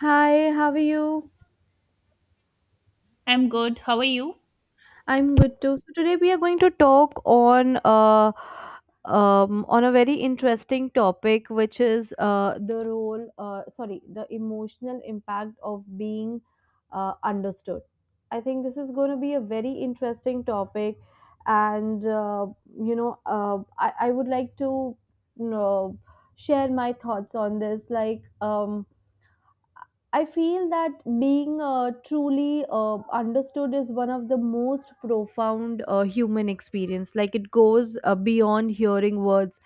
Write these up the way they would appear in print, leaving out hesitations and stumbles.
Hi, how are you? I'm good. How are you? I'm good too. So today we are going to talk on a very interesting topic, which is the emotional impact of being understood. I think this is going to be a very interesting topic, and I would like to you know, share my thoughts on this, I feel that being truly understood is one of the most profound human experience. Like it goes beyond hearing words.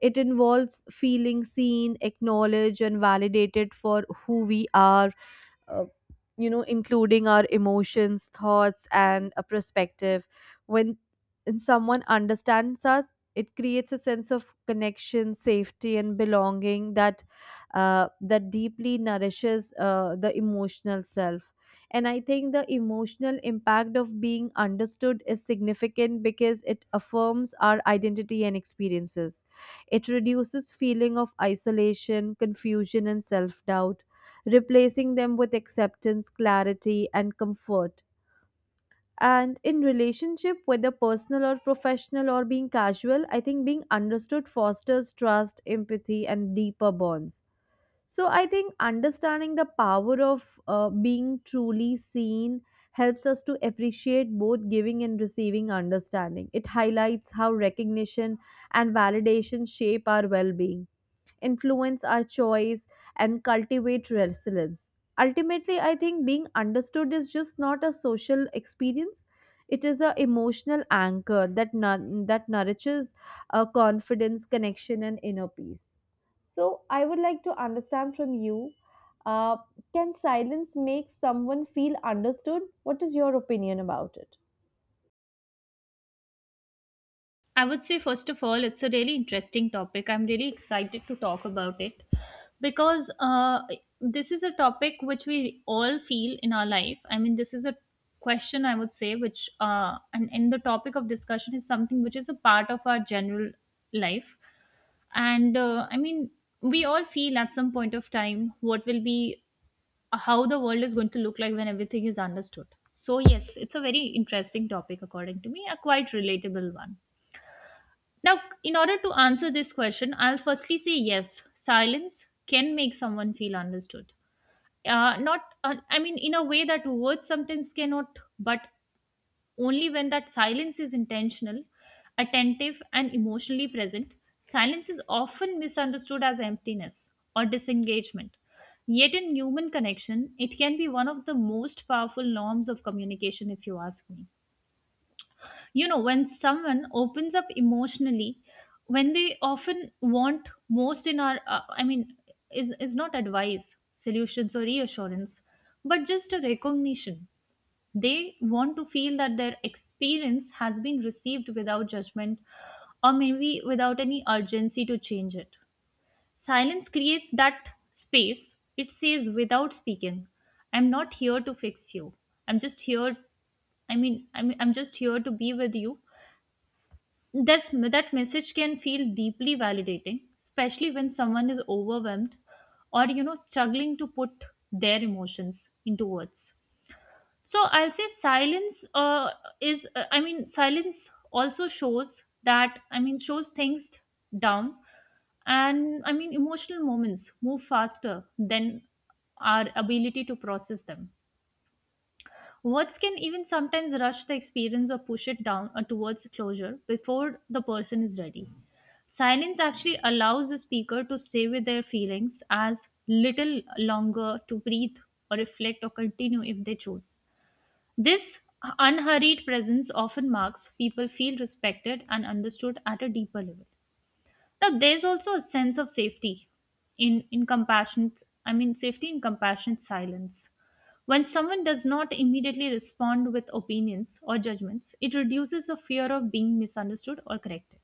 It involves feeling seen, acknowledged, and validated for who we are, uh, including our emotions, thoughts, and a perspective. When someone understands us, it creates a sense of connection, safety, and belonging that deeply nourishes the emotional self. And I think the emotional impact of being understood is significant because it affirms our identity and experiences. It reduces feeling of isolation, confusion, and self doubt, replacing them with acceptance, clarity, and comfort. And in relationship, whether personal or professional or being casual, I think being understood fosters trust, empathy, and deeper bonds. So I think understanding the power of being truly seen helps us to appreciate both giving and receiving understanding. It highlights how recognition and validation shape our well being, influence our choice, and cultivate resilience. Ultimately, I think being understood is just not a social experience. It is an emotional anchor that, that nourishes confidence, connection, and inner peace. So, I would like to understand from you, uh, can silence make someone feel understood? What is your opinion about it? I would say, first of all, it's a really interesting topic. I'm really excited to talk about it because this is a topic which we all feel in our life. I mean, this is a question I would say, which, and the topic of discussion is something which is a part of our general life. And I mean, we all feel at some point of time what will be how the world is going to look like when everything is understood. So, yes, it's a very interesting topic, according to me, a quite relatable one. Now, in order to answer this question, I'll firstly say yes, silence can make someone feel understood. Not, I mean, in a way that words sometimes cannot, but only when that silence is intentional, attentive, and emotionally present, silence is often misunderstood as emptiness or disengagement. Yet, in human connection, it can be one of the most powerful norms of communication, if you ask me. You know, when someone opens up emotionally, when they often want most in our, I mean, is not advice, solutions, or reassurance, but just a recognition. They want to feel that their experience has been received without judgment or maybe without any urgency to change it. Silence creates that space. It says, without speaking, I'm not here to fix you. I'm just here. I mean, I'm just here to be with you. That message can feel deeply validating, especially when someone is overwhelmed or, you know, struggling to put their emotions into words. So I'll say I mean, silence also shows that, I mean, shows things down. And I mean, emotional moments move faster than our ability to process them. Words can even sometimes rush the experience or push it down towards closure before the person is ready. Silence actually allows the speaker to stay with their feelings as little longer to breathe or reflect or continue if they choose. This unhurried presence often marks people feel respected and understood at a deeper level. Now, there's also a sense of safety in compassionate, I mean, safety in compassionate silence. When someone does not immediately respond with opinions or judgments, it reduces the fear of being misunderstood or corrected.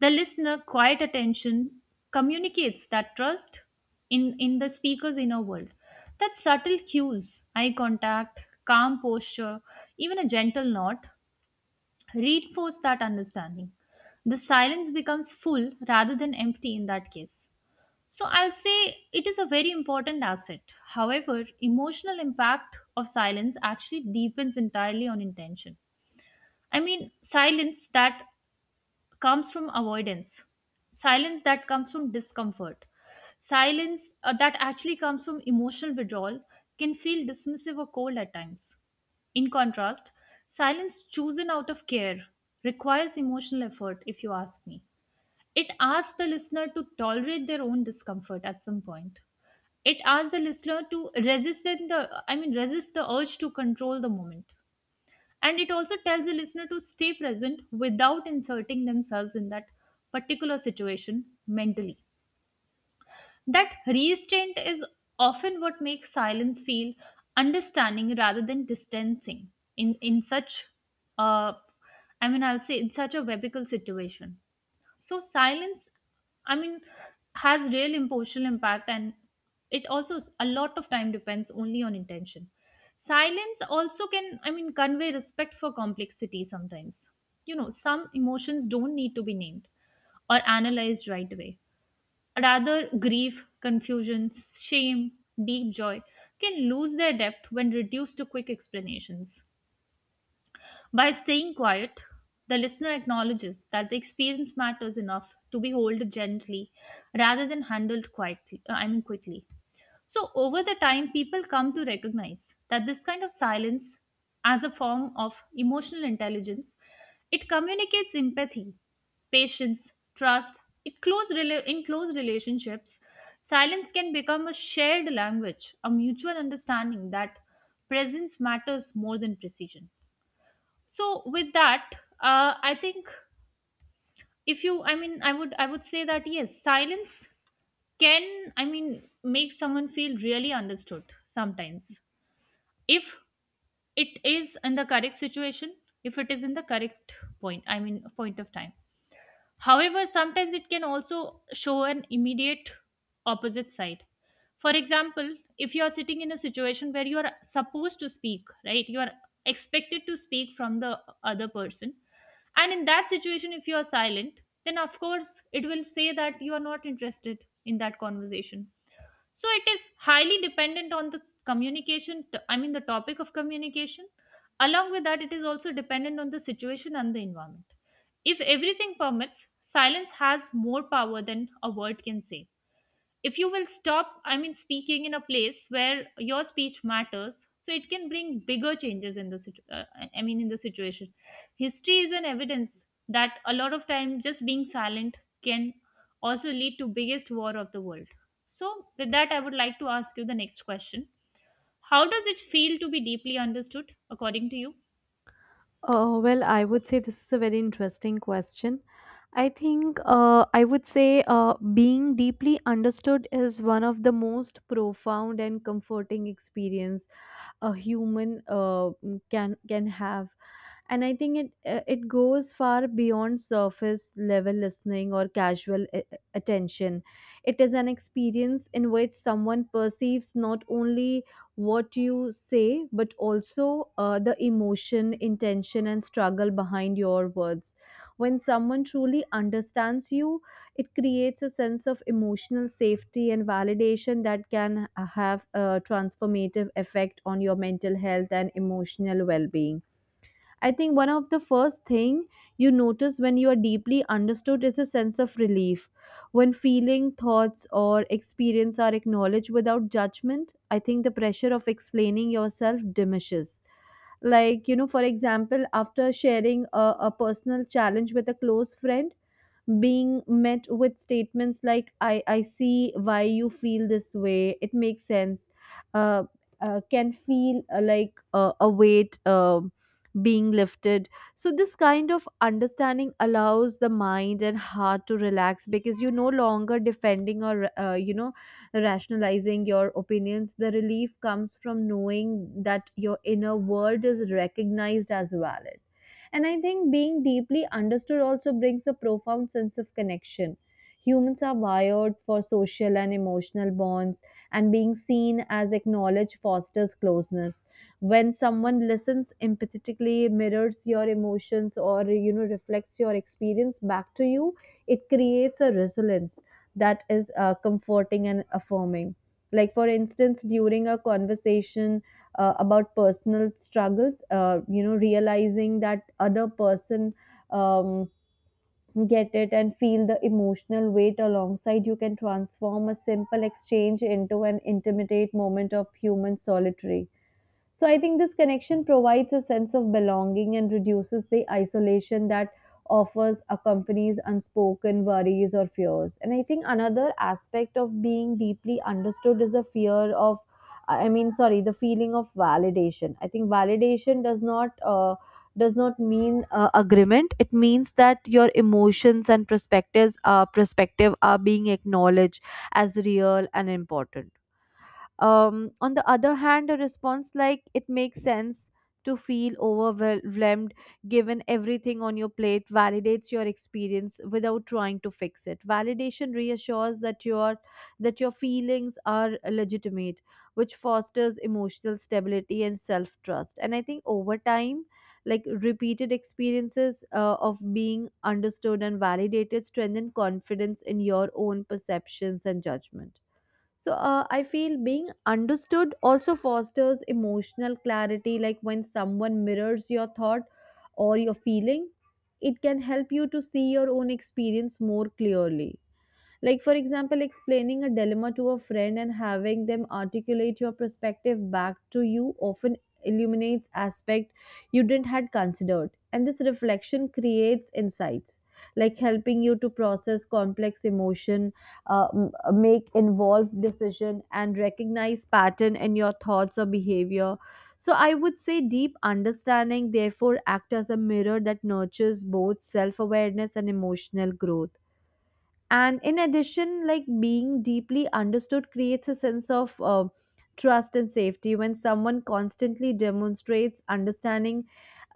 The listener quiet attention communicates that trust in the speaker's inner world. That subtle cues, eye contact, calm posture, even a gentle nod, reinforce that understanding. The silence becomes full rather than empty in that case. So I'll say it is a very important asset. However, emotional impact of silence actually depends entirely on intention. I mean, silence that comes from avoidance, silence that comes from discomfort, silence that actually comes from emotional withdrawal can feel dismissive or cold at times. In contrast, silence chosen out of care requires emotional effort, if you ask me. It asks the listener to tolerate their own discomfort at some point. It asks the listener to resist the, I mean, resist the urge to control the moment, and it also tells the listener to stay present without inserting themselves in that particular situation mentally. That restraint is often what makes silence feel understanding rather than distancing in such uh I mean, I'll say in such a webical situation. So silence, I mean, has real emotional impact, and it also s- a lot of time depends only on intention. Silence also can, I mean, convey respect for complexity sometimes. You know, some emotions don't need to be named or analyzed right away, rather grief, confusion, shame, deep joy can lose their depth when reduced to quick explanations. By staying quiet, the listener acknowledges that the experience matters enough to be held gently rather than handled quietly, I mean quickly. So over the time people come to recognize that this kind of silence as a form of emotional intelligence. It communicates empathy, patience, trust. It close rela- in close relationships, silence can become a shared language, a mutual understanding that presence matters more than precision. So with that, I think if you, I mean, I would say that yes, silence can, I mean, make someone feel really understood sometimes if it is in the correct situation, if it is in the correct point, I mean point of time. However, sometimes it can also show an immediate opposite side. For example, if you are sitting in a situation where you are supposed to speak, right, you are expected to speak from the other person, and in that situation, if you are silent, then of course it will say that you are not interested in that conversation. So it is highly dependent on the communication t- I mean the topic of communication. Along with that, it is also dependent on the situation and the environment. If everything permits, silence has more power than a word can say. If you will stop, I mean speaking in a place where your speech matters, so it can bring bigger changes in the situ- I mean in the situation. History is an evidence that a lot of time just being silent can also lead to biggest war of the world. So with that, I would like to ask you the next question. How does it feel to be deeply understood, according to you? Well, I would say this is a very interesting question. I would say being deeply understood is one of the most profound and comforting experience a human can have. And I think it goes far beyond surface level listening or casual attention. It is an experience in which someone perceives not only what you say, but also the emotion, intention, and struggle behind your words. When someone truly understands you, it creates a sense of emotional safety and validation that can have a transformative effect on your mental health and emotional well-being. I think one of the first thing you notice when you are deeply understood is a sense of relief. When feeling, thoughts or experience are acknowledged without judgment, I think the pressure of explaining yourself diminishes. Like, you know, for example, after sharing a personal challenge with a close friend, being met with statements like, "I see why you feel this way. It makes sense," uh, can feel like a weight being lifted. So this kind of understanding allows the mind and heart to relax, because you're no longer defending or rationalizing your opinions. The relief comes from knowing that your inner world is recognized as valid. And I think being deeply understood also brings a profound sense of connection. Humans are wired for social and emotional bonds, and being seen as acknowledged fosters closeness. When someone listens empathetically, mirrors your emotions, or you know, reflects your experience back to you, it creates a resilience that is comforting and affirming. Like for instance, during a conversation about personal struggles, you know, realizing that other person um, get it and feel the emotional weight alongside you can transform a simple exchange into an intimate moment of human solitary. So I think this connection provides a sense of belonging and reduces the isolation that offers accompanies unspoken worries or fears. And I think another aspect of being deeply understood is the fear of, I mean sorry, the feeling of validation. I think validation does not mean agreement. It means that your emotions and perspective are being acknowledged as real and important. On the other hand, a response like, "It makes sense to feel overwhelmed given everything on your plate," validates your experience without trying to fix it. Validation reassures that your feelings are legitimate, which fosters emotional stability and self-trust. And I think over time, like repeated experiences of being understood and validated strengthen confidence in your own perceptions and judgment. So I feel being understood also fosters emotional clarity. Like when someone mirrors your thought or your feeling, it can help you to see your own experience more clearly. Like, for example, explaining a dilemma to a friend and having them articulate your perspective back to you often illuminates aspect you didn't had considered. And this reflection creates insights, like helping you to process complex emotion, uh, m- make involved decision, and recognize pattern in your thoughts or behavior. So I would say deep understanding therefore act as a mirror that nurtures both self-awareness and emotional growth. And in addition, like being deeply understood creates a sense of trust and safety. When someone constantly demonstrates understanding,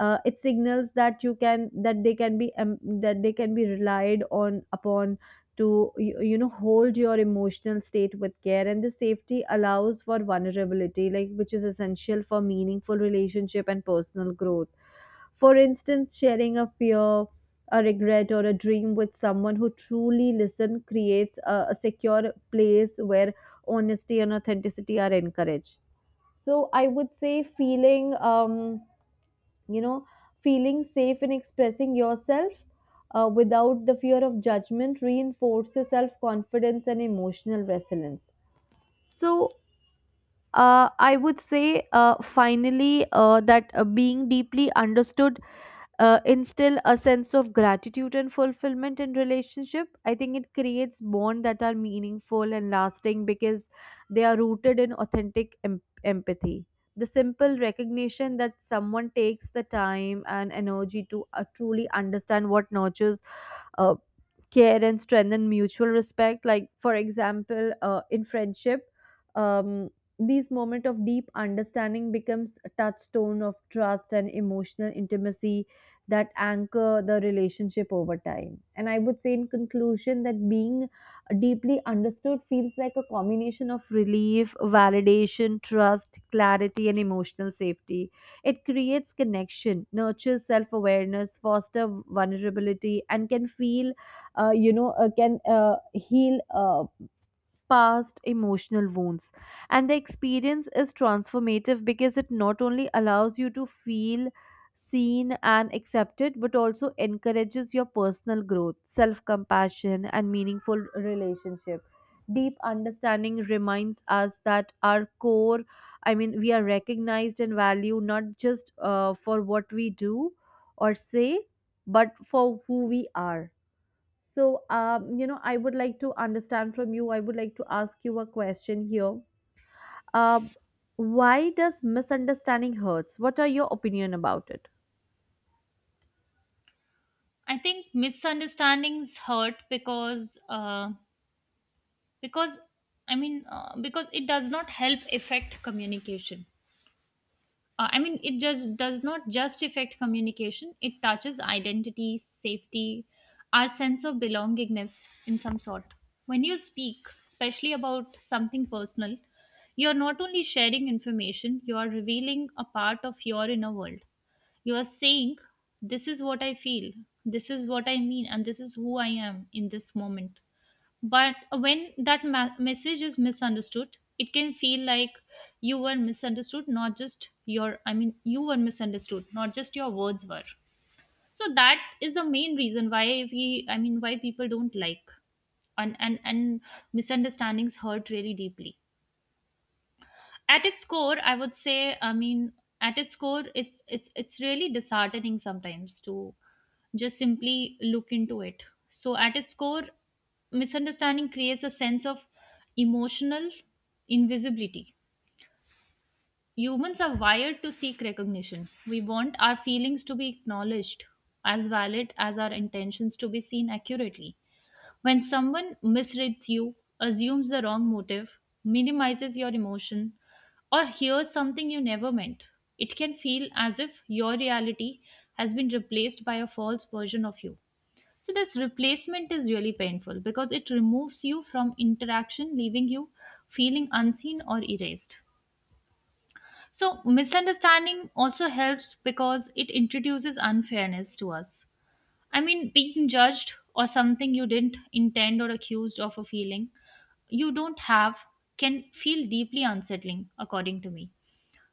it signals that you can that they can be that they can be relied on upon to, you know, hold your emotional state with care. And the safety allows for vulnerability, like which is essential for meaningful relationship and personal growth. For instance, sharing a fear, a regret, or a dream with someone who truly listens creates a secure place where honesty and authenticity are encouraged. So I would say feeling, you know, feeling safe in expressing yourself without the fear of judgment reinforces self confidence and emotional resilience. So I would say finally that being deeply understood instill a sense of gratitude and fulfillment in relationship. I think it creates bonds that are meaningful and lasting because they are rooted in authentic empathy. The simple recognition that someone takes the time and energy to truly understand what nurtures uh, care and strengthen mutual respect, like for example in friendship, um, these moment of deep understanding becomes a touchstone of trust and emotional intimacy that anchor the relationship over time. And I would say in conclusion that being deeply understood feels like a combination of relief, validation, trust, clarity, and emotional safety. It creates connection, nurtures self-awareness, foster vulnerability, and can feel you know can heal past emotional wounds. And the experience is transformative because it not only allows you to feel seen and accepted, but also encourages your personal growth, self compassion, and meaningful relationship. Deep understanding reminds us that our core, I mean, we are recognized and valued not just for what we do or say, but for who we are. So, I would like to understand from you, I would like to ask you a question here. Uh, why does misunderstanding hurts? What are your opinion about it? I think misunderstandings hurt because because because it does not help affect communication. I mean, it just does not just affect communication, it touches identity, safety, our sense of belongingness in some sort. When you speak especially about something personal, you are not only sharing information, you are revealing a part of your inner world. You are saying this is what I feel, this is what I mean, and this is who I am in this moment. But when that ma- message is misunderstood, it can feel like you were misunderstood, not just your I mean you were misunderstood, not just your words were. So that is the main reason why we, I mean why people don't like, and misunderstandings hurt really deeply. At its core, I would say, I mean, at its core it's really disheartening sometimes to just simply look into it. So at its core, misunderstanding creates a sense of emotional invisibility. Humans are wired to seek recognition. We want our feelings to be acknowledged as valid, as our intentions to be seen accurately. When someone misreads you, assumes the wrong motive, minimizes your emotion, or hears something you never meant, it can feel as if your reality has been replaced by a false version of you. So, this replacement is really painful because it removes you from interaction, leaving you feeling unseen or erased. So, misunderstanding also helps because it introduces unfairness to us. I mean, being judged or something you didn't intend or accused of a feeling you don't have can feel deeply unsettling, according to me.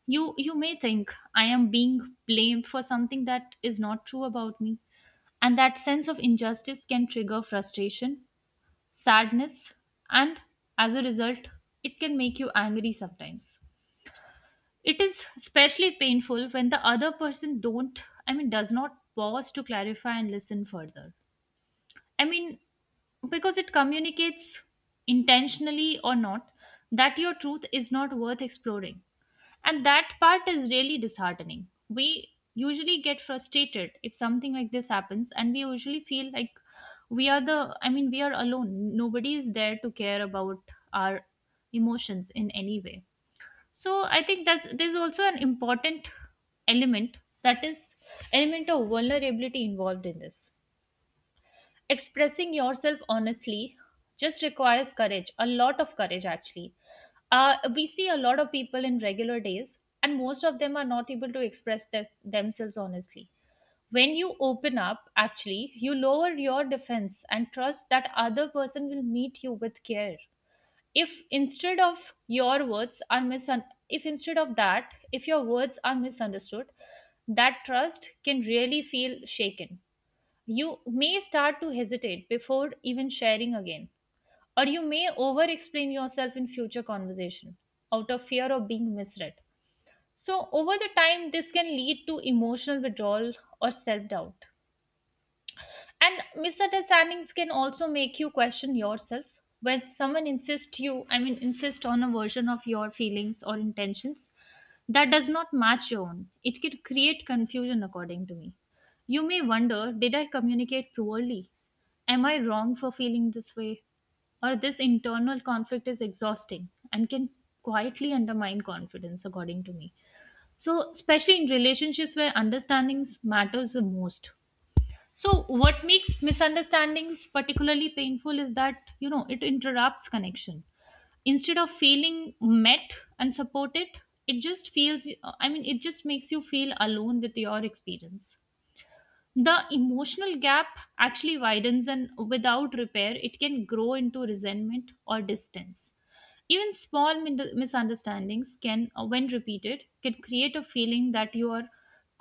You may think I am being blamed for something that is not true about me, and that sense of injustice can trigger frustration, sadness, and as a result, it can make you angry sometimes. It is especially painful when the other person don't, I mean, does not pause to clarify and listen further. I mean, because it communicates, intentionally or not, that your truth is not worth exploring. And that part is really disheartening. We usually get frustrated if something like this happens, and we usually feel like we are the, I mean, we are alone. Nobody is there to care about our emotions in any way. So I think that there's also an important element, that is element of vulnerability involved in this. Expressing yourself honestly just requires courage, a lot of courage actually. We see a lot of people in regular days, and most of them are not able to express this, themselves honestly. When you open up, actually, you lower your defense and trust that other person will meet you with care. If instead of your words are misun, If instead of that, if your words are misunderstood, that trust can really feel shaken. You may start to hesitate before even sharing again, or you may over explain yourself in future conversation out of fear of being misread. So, over the time, this can lead to emotional withdrawal or self doubt. And misunderstandings can also make you question yourself. When someone insists you, I mean, insist on a version of your feelings or intentions that does not match your own, it can create confusion, according to me. You may wonder, did I communicate poorly? Am I wrong for feeling this way? Or this internal conflict is exhausting and can quietly undermine confidence, according to me. So, especially in relationships where understandings matters the most, so, what makes misunderstandings particularly painful is that, you know, it interrupts connection. Instead of feeling met and supported, it just feels, I mean, it just makes you feel alone with your experience. The emotional gap actually widens, and without repair it can grow into resentment or distance. Even misunderstandings, can when repeated, can create a feeling that you are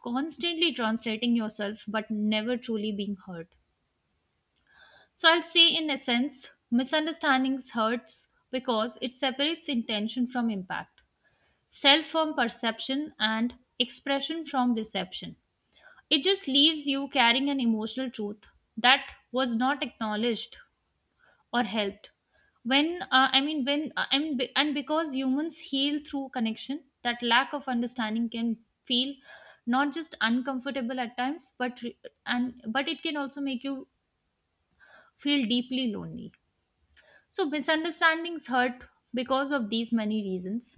constantly translating yourself but never truly being heard. So I'll say, in essence, misunderstandings hurts because it separates intention from impact, self from perception, and expression from reception. It just leaves you carrying an emotional truth that was not acknowledged or helped. When, I mean, when, and, be- and because humans heal through connection, that lack of understanding can feel not just uncomfortable at times, but it can also make you feel deeply lonely. So misunderstandings hurt because of these many reasons.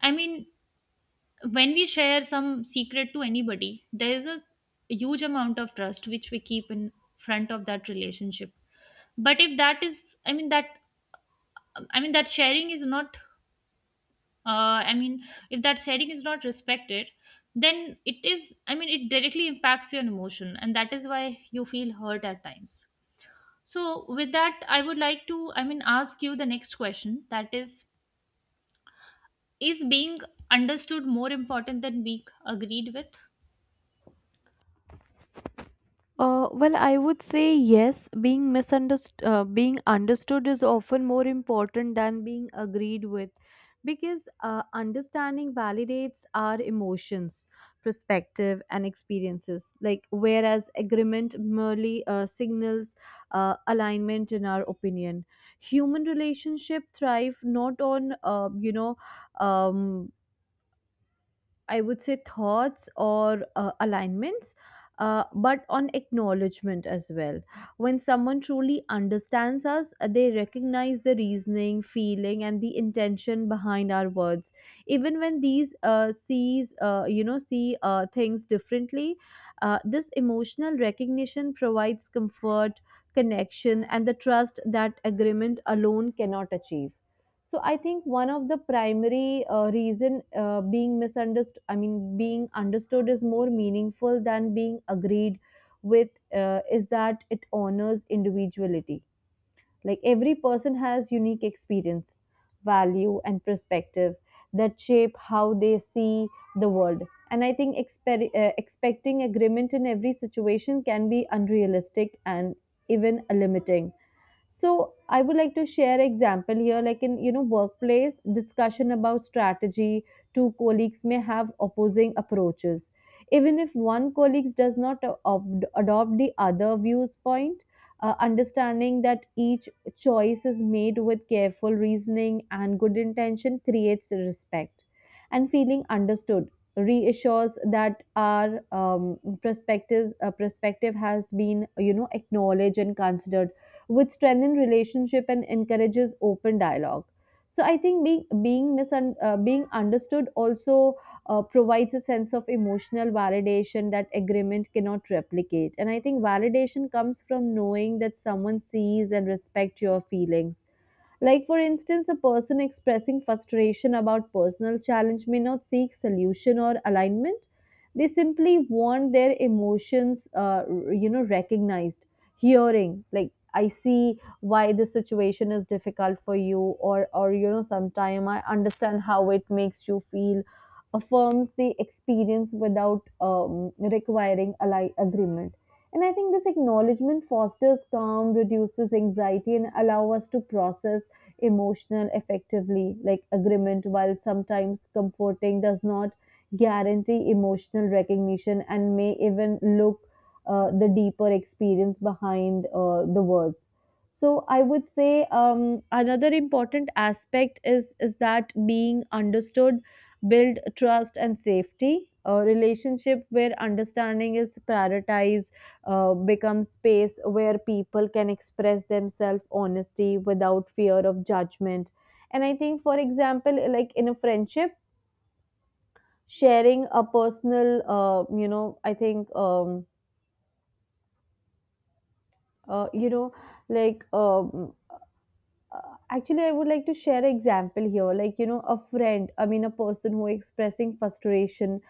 I mean, when we share some secret to anybody, there is a huge amount of trust which we keep in front of that relationship. But if that sharing is not, I mean if that sharing is not respected, then it is, I mean it directly impacts your emotion, and that is why you feel hurt at times. So with that, I would like to ask you the next question. That is being understood more important than being agreed with? Well, I would say yes. Being understood is often more important than being agreed with, because understanding validates our emotions, perspective, and experiences. Like, whereas agreement merely signals alignment in our opinion. Human relationship thrive not on um, I would say thoughts or alignments, but on acknowledgement as well. When someone truly understands us, they recognize the reasoning, feeling, and the intention behind our words. Even when these see things differently, this emotional recognition provides comfort, connection, and the trust that agreement alone cannot achieve. So I think one of the primary reason being understood is more meaningful than being agreed with is that it honors individuality. Like every person has unique experience, value, and perspective that shape how they see the world. And I think expecting agreement in every situation can be unrealistic and even limiting. So I would like to share example here, like in, you know, workplace discussion about strategy, two colleagues may have opposing approaches. Even if one colleague does not adopt the other view's point, understanding that each choice is made with careful reasoning and good intention creates respect, and feeling understood reassures that our perspective has been, you know, acknowledged and considered, which strengthen relationship and encourages open dialogue. So I think being understood also provides a sense of emotional validation that agreement cannot replicate. And I think validation comes from knowing that someone sees and respects your feelings. Like, for instance, a person expressing frustration about personal challenge may not seek solution or alignment. They simply want their emotions, recognized, hearing. Like, "I see why this situation is difficult for you," or you know, "sometime I understand how it makes you feel." Affirms the experience without requiring agreement. And I think this acknowledgement fosters calm, reduces anxiety, and allow us to process emotional effectively. Like agreement, while sometimes comforting, does not guarantee emotional recognition, and may even look the deeper experience behind the words. So I would say, another important aspect is that being understood build trust and safety. A relationship where understanding is prioritized become space where people can express themselves honestly without fear of judgment. And I think for example, like in a friendship, sharing a personal you know I think you know like actually I would like to share an example here, like you know, a friend I mean a person who expressing frustration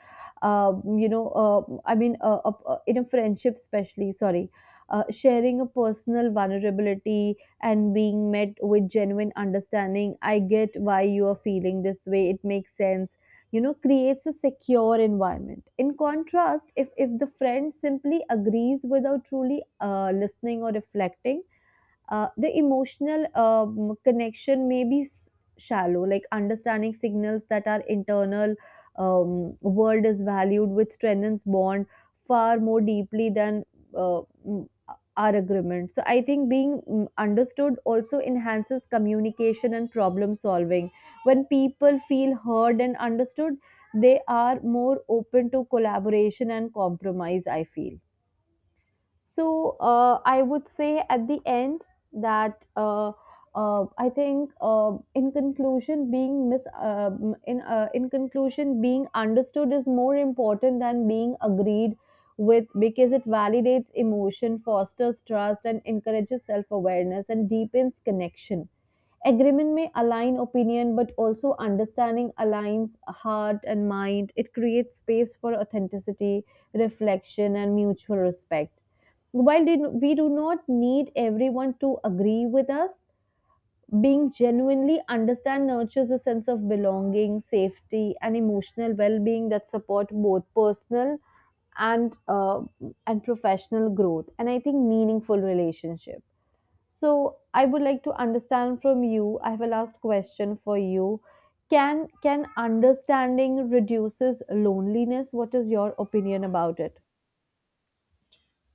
you know I mean in a friendship especially, sorry, sharing a personal vulnerability and being met with genuine understanding, "I get why you are feeling this way. It makes sense," you know, creates a secure environment. In contrast, if the friend simply agrees without truly listening or reflecting, the emotional connection may be shallow. Like understanding signals that our internal world is valued, which strengthens bond far more deeply than uh, mm, our agreement. So I think being understood also enhances communication and problem solving. When people feel heard and understood, they are more open to collaboration and compromise, I feel. So I would say at the end that I think in conclusion being mis- in conclusion, being understood is more important than being agreed with, because it validates emotion, fosters trust, and encourages self awareness, and deepens connection. Agreement may align opinion, but also understanding aligns heart and mind. It creates space for authenticity, reflection, and mutual respect. While we do not need everyone to agree with us, being genuinely understand nurtures a sense of belonging, safety, and emotional well-being that support both personal and uh, and professional growth, and I think meaningful relationship. So I would like to understand from you. I have a last question for you. Can understanding reduces loneliness? What is your opinion about it?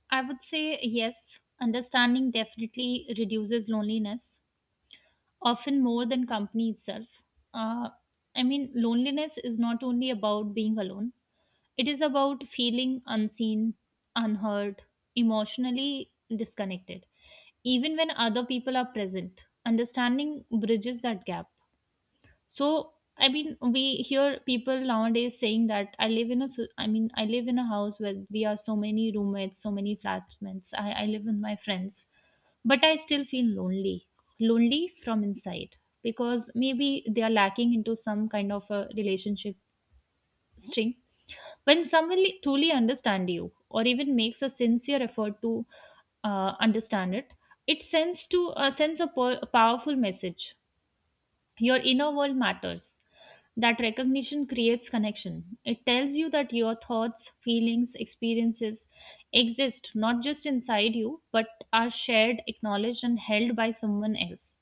I would say yes, understanding definitely reduces loneliness, often more than company itself. Uh, Loneliness is not only about being alone, it is about feeling unseen, unheard, emotionally disconnected, even when other people are present. Understanding bridges that gap. So I mean, we hear people nowadays saying that I live in a house where we are so many roommates, so many flatmates. I live with my friends, but I still feel lonely, lonely from inside because maybe they are lacking into some kind of a relationship string. When someone truly understand you or even makes a sincere effort to understand it, it sends a powerful message: your inner world matters. That recognition creates connection. It tells you that your thoughts, feelings, experiences exist not just inside you, but are shared, acknowledged, and held by someone else.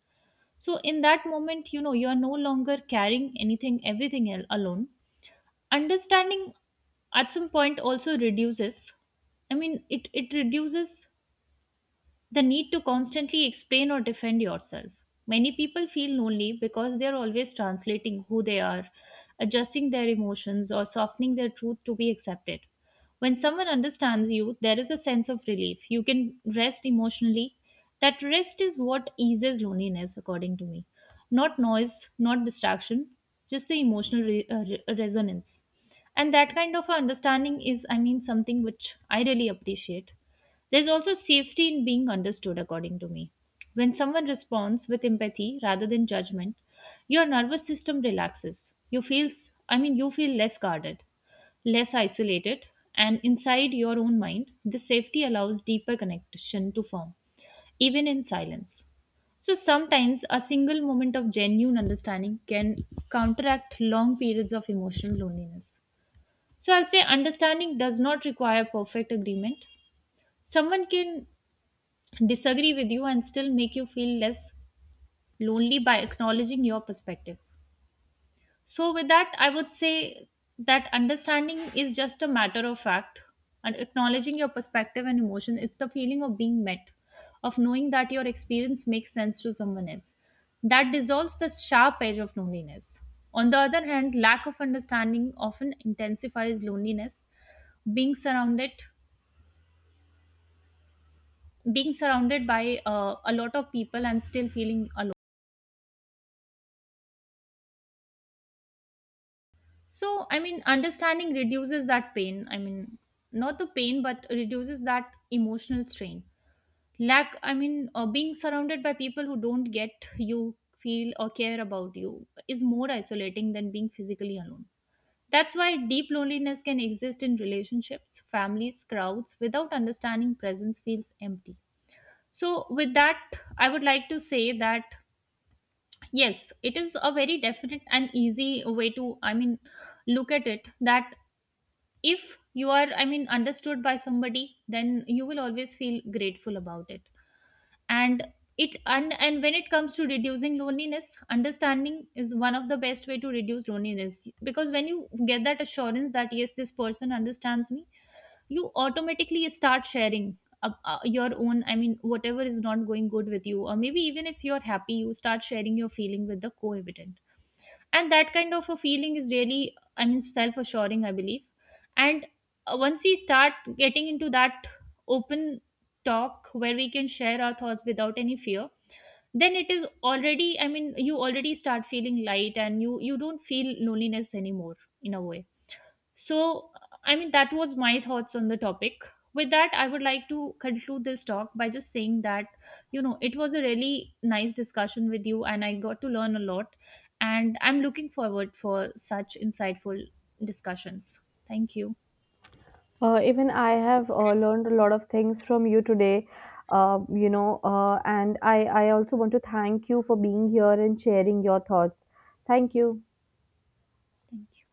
So, in that moment, you know, you are no longer carrying anything, alone. Understanding at some point also reduces, I mean, it reduces the need to constantly explain or defend yourself. Many people feel lonely because they are always translating who they are, adjusting their emotions, or softening their truth to be accepted. When someone understands you, there is a sense of relief. You can rest emotionally. That rest is what eases loneliness, according to me. Not noise, not distraction, just the emotional resonance. And that kind of understanding is, I mean, something which I really appreciate. There's also safety in being understood, according to me. When someone responds with empathy rather than judgment, your nervous system relaxes. You feel less guarded, less isolated, and inside your own mind, this safety allows deeper connection to form, even in silence. So sometimes a single moment of genuine understanding can counteract long periods of emotional loneliness. So I'll say understanding does not require perfect agreement. Someone can disagree with you and still make you feel less lonely by acknowledging your perspective. So, with that, I would say that understanding is just a matter of fact and acknowledging your perspective and emotion. It's the feeling of being met, of knowing that your experience makes sense to someone else. That dissolves the sharp edge of loneliness. On the other hand, lack of understanding often intensifies loneliness. Being surrounded, being surrounded by a lot of people and still feeling alone. So, I mean, understanding reduces that pain. I mean, not the pain, but reduces that emotional strain. Being surrounded by people who don't get you, feel, or care about you is more isolating than being physically alone. That's why deep loneliness can exist in relationships, families, crowds. Without understanding, presence feels empty. So, with that, I would like to say that yes, it is a very definite and easy way to, I mean, look at it that if you are, I mean, understood by somebody, then you will always feel grateful about it. And it and, and when it comes to reducing loneliness, understanding is one of the best way to reduce loneliness, because when you get that assurance that yes, this person understands me, you automatically start sharing your own, I mean, whatever is not going good with you, or maybe even if you're happy, you start sharing your feeling with the co-evident. And that kind of a feeling is really, I mean, self-assuring, I believe. And once we start getting into that open talk, where we can share our thoughts without any fear, then it is already, I mean, you already start feeling light, and you don't feel loneliness anymore, in a way. So, I mean, that was my thoughts on the topic. With that, I would like to conclude this talk by just saying that, you know, it was a really nice discussion with you and I got to learn a lot. And I'm looking forward for such insightful discussions. Thank you. Even I have learned a lot of things from you today, and I also want to thank you for being here and sharing your thoughts. Thank you. Thank you.